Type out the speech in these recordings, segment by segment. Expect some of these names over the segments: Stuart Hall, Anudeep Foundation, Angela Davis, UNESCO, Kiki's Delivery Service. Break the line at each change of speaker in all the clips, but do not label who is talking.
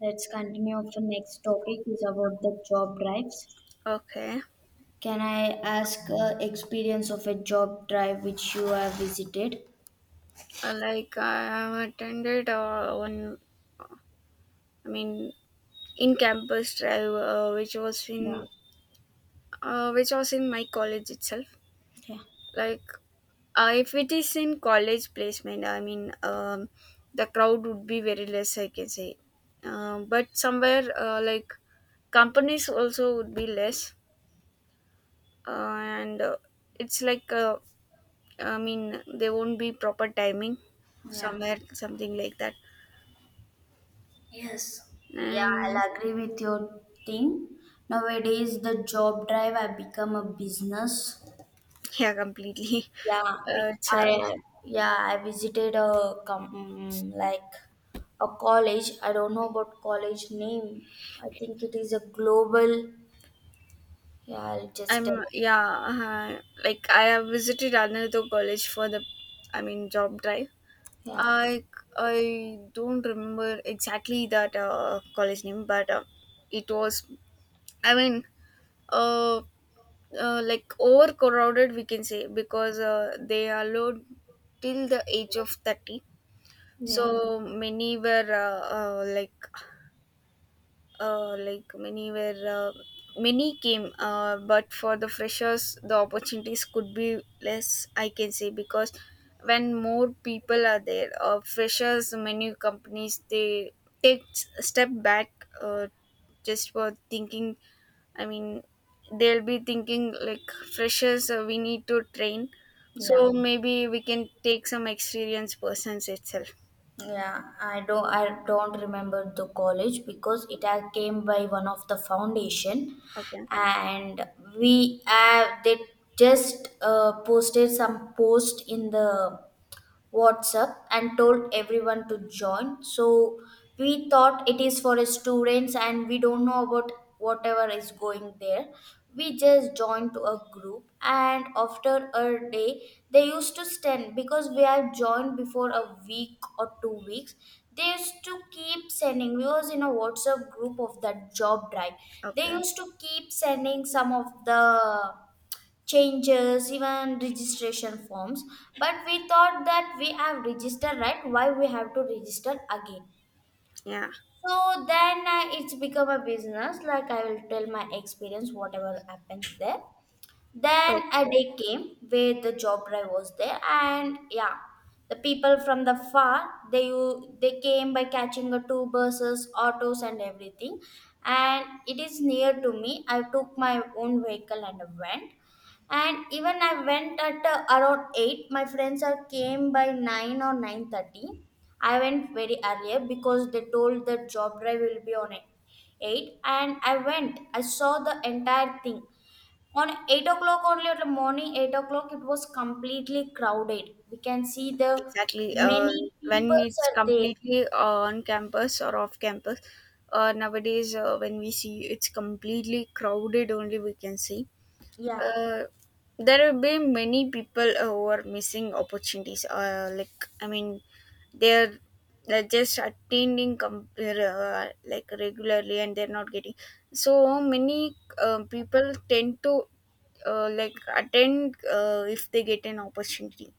Let's continue. Our next topic is about the job drives.
Okay.
Can I ask experience of a job drive which you have visited?
Like I have attended one. I mean, in campus drive,
Yeah.
which was in my college itself.
Yeah.
Like, if it is in college placement, the crowd would be very less, I can say, but somewhere like companies also would be less, and it's like there won't be proper timing
Yeah.
somewhere, something like that,
Yes. Yeah,
and.
I'll agree with your thing. Nowadays, the job drive have become a business.
Yeah, completely.
Yeah, we,
It's,
I, yeah, I visited a like a college. I don't know about college name. I think it is a global. Yeah, I'll just tell.
I'm yeah. Like I have visited another college for job drive.
Yeah,
I I don't remember exactly that college name, but it was. I mean, uh, like overcrowded, we can say because they allowed till the age of 30.
yeah.
So many were uh, like like many were many came, but for the freshers the opportunities could be less, I can say, because when more people are there, freshers, many companies they take a step back, just for thinking i mean they'll be thinking like freshers, we need to train,
Yeah,
so maybe we can take some experienced persons itself.
yeah. I don't remember the college because it had came by one of the foundation,
Okay.
and we they just posted some post in the WhatsApp and told everyone to join. So we thought it is for students and we don't know about whatever is going there. We just joined to a group and after a day they used to send because we have joined before a week or 2 weeks. They used to keep sending. We was in a WhatsApp group of that job drive. They
Okay.
used to keep sending some of the changes, even registration forms. But we thought that we have registered right, why we have to register again?
Yeah.
So then it's become a business. Like I will tell my experience, whatever happens there. Then a
Okay.
day came where the job drive was there, and yeah, the people from the far they came by catching the two buses, autos, and everything. And it is near to me. I took my own vehicle and went. And even I went at around 8. My friends are came by 9 or 9:30. I went very earlier because they told that job drive will be on 8, and I went. I saw the entire thing on 8 o'clock only. At morning 8 o'clock, it was completely crowded. We can see the
Exactly.
many
When
people
it's
are there.
completely on campus or off campus, nowadays when we see it's completely crowded, only we can see.
Yeah,
Uh, there will be many people who are missing opportunities. They're just attending like regularly, and they're not getting. So many people tend to like attend if they get an opportunity.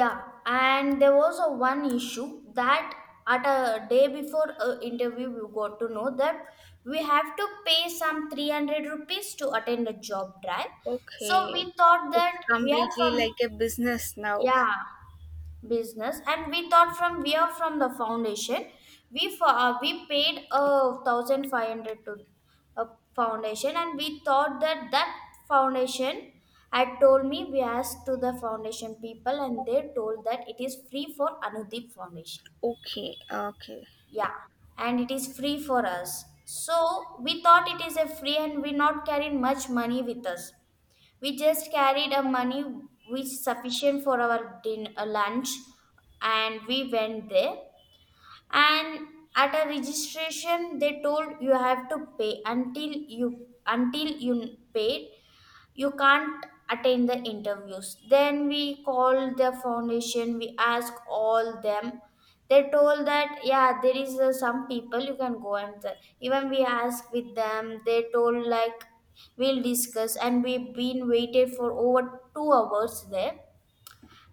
yeah. And there was a one issue that at a day before a interview we got to know that we have to pay some 300 rupees to attend a job drive. So we
Okay,
thought
it's
that we are
completely
from,
like a business now.
yeah, business. And we thought from we are from the foundation, we paid 1,500 to a foundation and we thought that that foundation had told me. We asked to the foundation people and they told that it is free for Anudeep Foundation.
Okay, okay,
Yeah, and it is free for us, so we thought it is a free and we not carried much money with us. We just carried a money which sufficient for our lunch, and we went there. And at a registration they told you have to pay. Until you paid, you can't attend the interviews. Then we called the foundation, we asked all them. They told that yeah there is some people you can go and the-. Even we asked with them, they told like we'll discuss and we've been waited for over 2 hours there.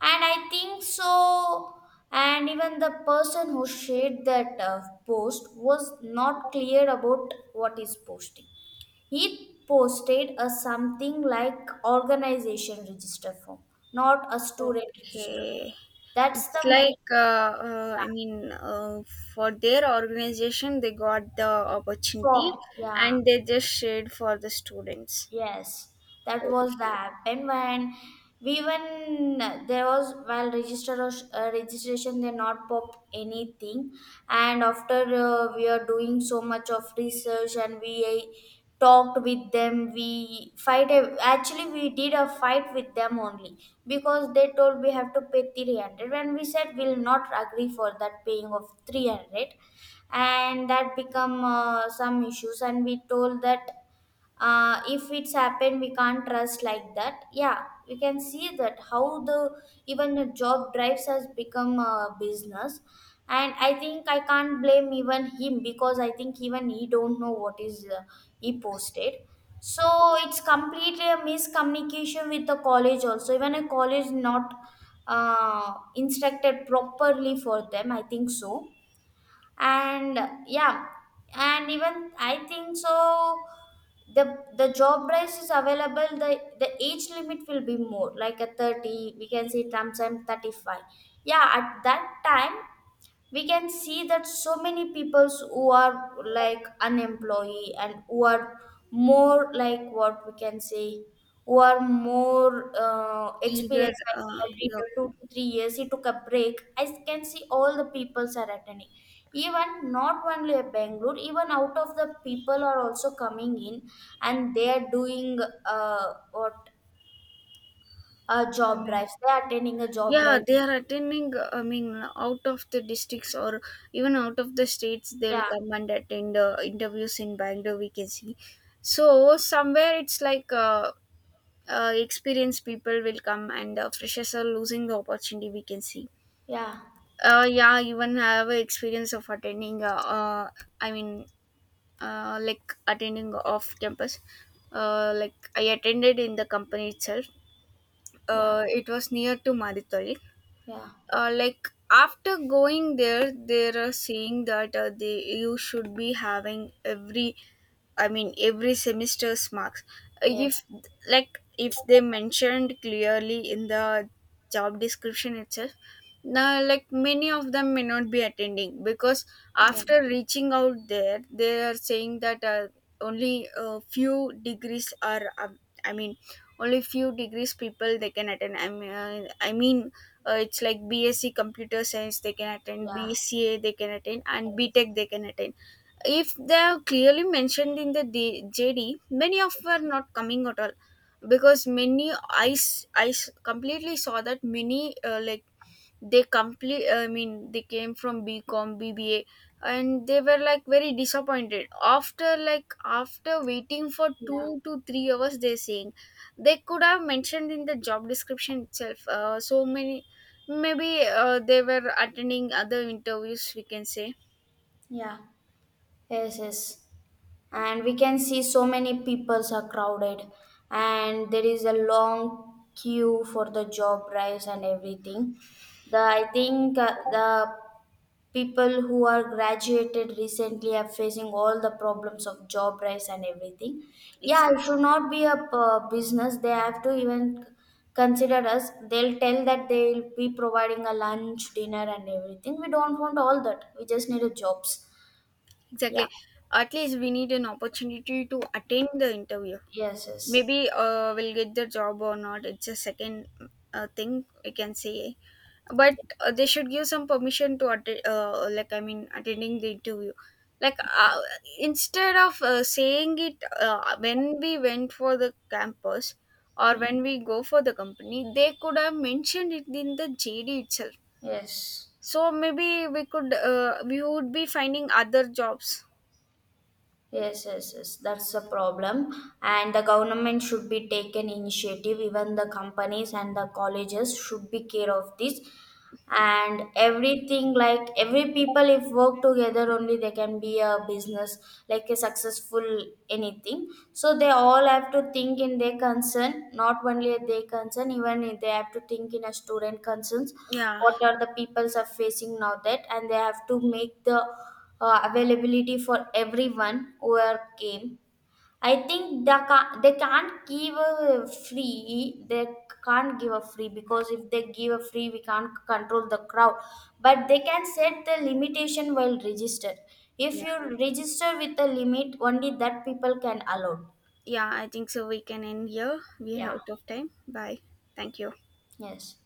And I think so. And even the person who shared that post was not clear about what is posting. He posted a something like organization register form, not a student register form.
okay.
That's
It's
the main,
like, uh, I
yeah,
mean, uh, for their organization, they got the opportunity
form. Yeah.
and they just shared for the students.
Yes, that was the
Okay,
happen. When we, when there was while register registration, they not pop anything. And after we are doing so much of research and we talked with them. We fight a, actually we did a fight with them only because they told we have to pay 300 and we said we'll not agree for that paying of 300. And that become some issues. And we told that if it's happened we can't trust like that. Yeah, we can see that how the, even the job drives has become a business. And I think I can't blame even him because I think even he don't know what is he posted. So it's completely a miscommunication with the college also, even a college not instructed properly for them, I think so. And yeah. And even I think so, the the job price is available, the age limit will be more like a 30, we can say sometimes 35. Yeah, at that time we can see that so many peoples who are like unemployed and who are more like what we can say, who are more
either,
experienced, like already
yeah.
2 to 3 years he took a break. I can see all the peoples are attending, even not only at Bangalore, even out of the people are also coming in. And they are doing, what,
I
job
mean,
drives, they are attending a job
yeah,
drive.
they are attending. i mean Out of the districts, or even out of the states, they'll
Yeah,
come and attend interviews in Bangalore, we can see. So somewhere it's like experienced people will come and freshers are losing the opportunity, we can see.
yeah,
Yeah, even I have a experience of attending uh i mean like attending off campus. Like I attended in the company itself.
yeah,
It was near to Maditoli.
yeah,
Like after going there, they're saying that they, you should be having every I mean every semester's marks. Uh,
yes,
if like if they mentioned clearly in the job description itself, now like many of them may not be attending, because
yeah.
after reaching out there they are saying that only a few degrees are I mean only few degrees people they can attend. I mean it's like BSc computer science they can attend,
Yeah.
BCA they can attend, and
Yes.
BTech they can attend. If they are clearly mentioned in the JD, many of are not coming at all, because many completely saw that many like they complete I mean they came from BCom, BBA, and they were like very disappointed after like after waiting for
Yeah.
2 to 3 hours. They're saying they could have mentioned in the job description itself. So many, maybe they were attending other interviews, we can say.
Yeah. Yes, yes. And we can see so many peoples are crowded and there is a long queue for the job drives and everything. The, I think the people who are graduated recently are facing all the problems of job drives and everything. Yeah, it
Exactly.
should not be a business. They have to even consider us. They'll tell that they'll be providing a lunch, dinner and everything. We don't want all that. We just need a jobs. Yeah.
Exactly. At least we need an opportunity to attend the interview.
Yes, yes.
Maybe we'll get the job or not, it's a second thing, we can say. But they should give some permission to attend, attending the interview. Like instead of Saying it when we went for the campus, or
Mm.
when we go for the company, they could have mentioned it in the JD itself,
Yes.
so maybe we could we would be finding other jobs.
Yes, yes, yes. That's the problem. And the government should be taken initiative. Even the companies and the colleges should be care of this. And everything like every people, if work together only, they can be a business like a successful anything. So they all have to think in their concern, not only their concern, even if they have to think in a student concerns.
Yeah.
What are the peoples are facing now that, and they have to make the availability for everyone who are came. I think they can't give a free. They can't give a free because if they give a free, we can't control the crowd. But they can set the limitation while registered. If
Yeah,
you register with a limit, only that people can allow.
yeah, I think so we can end here, we are
Yeah.
out of time. Bye. Thank you.
Yes.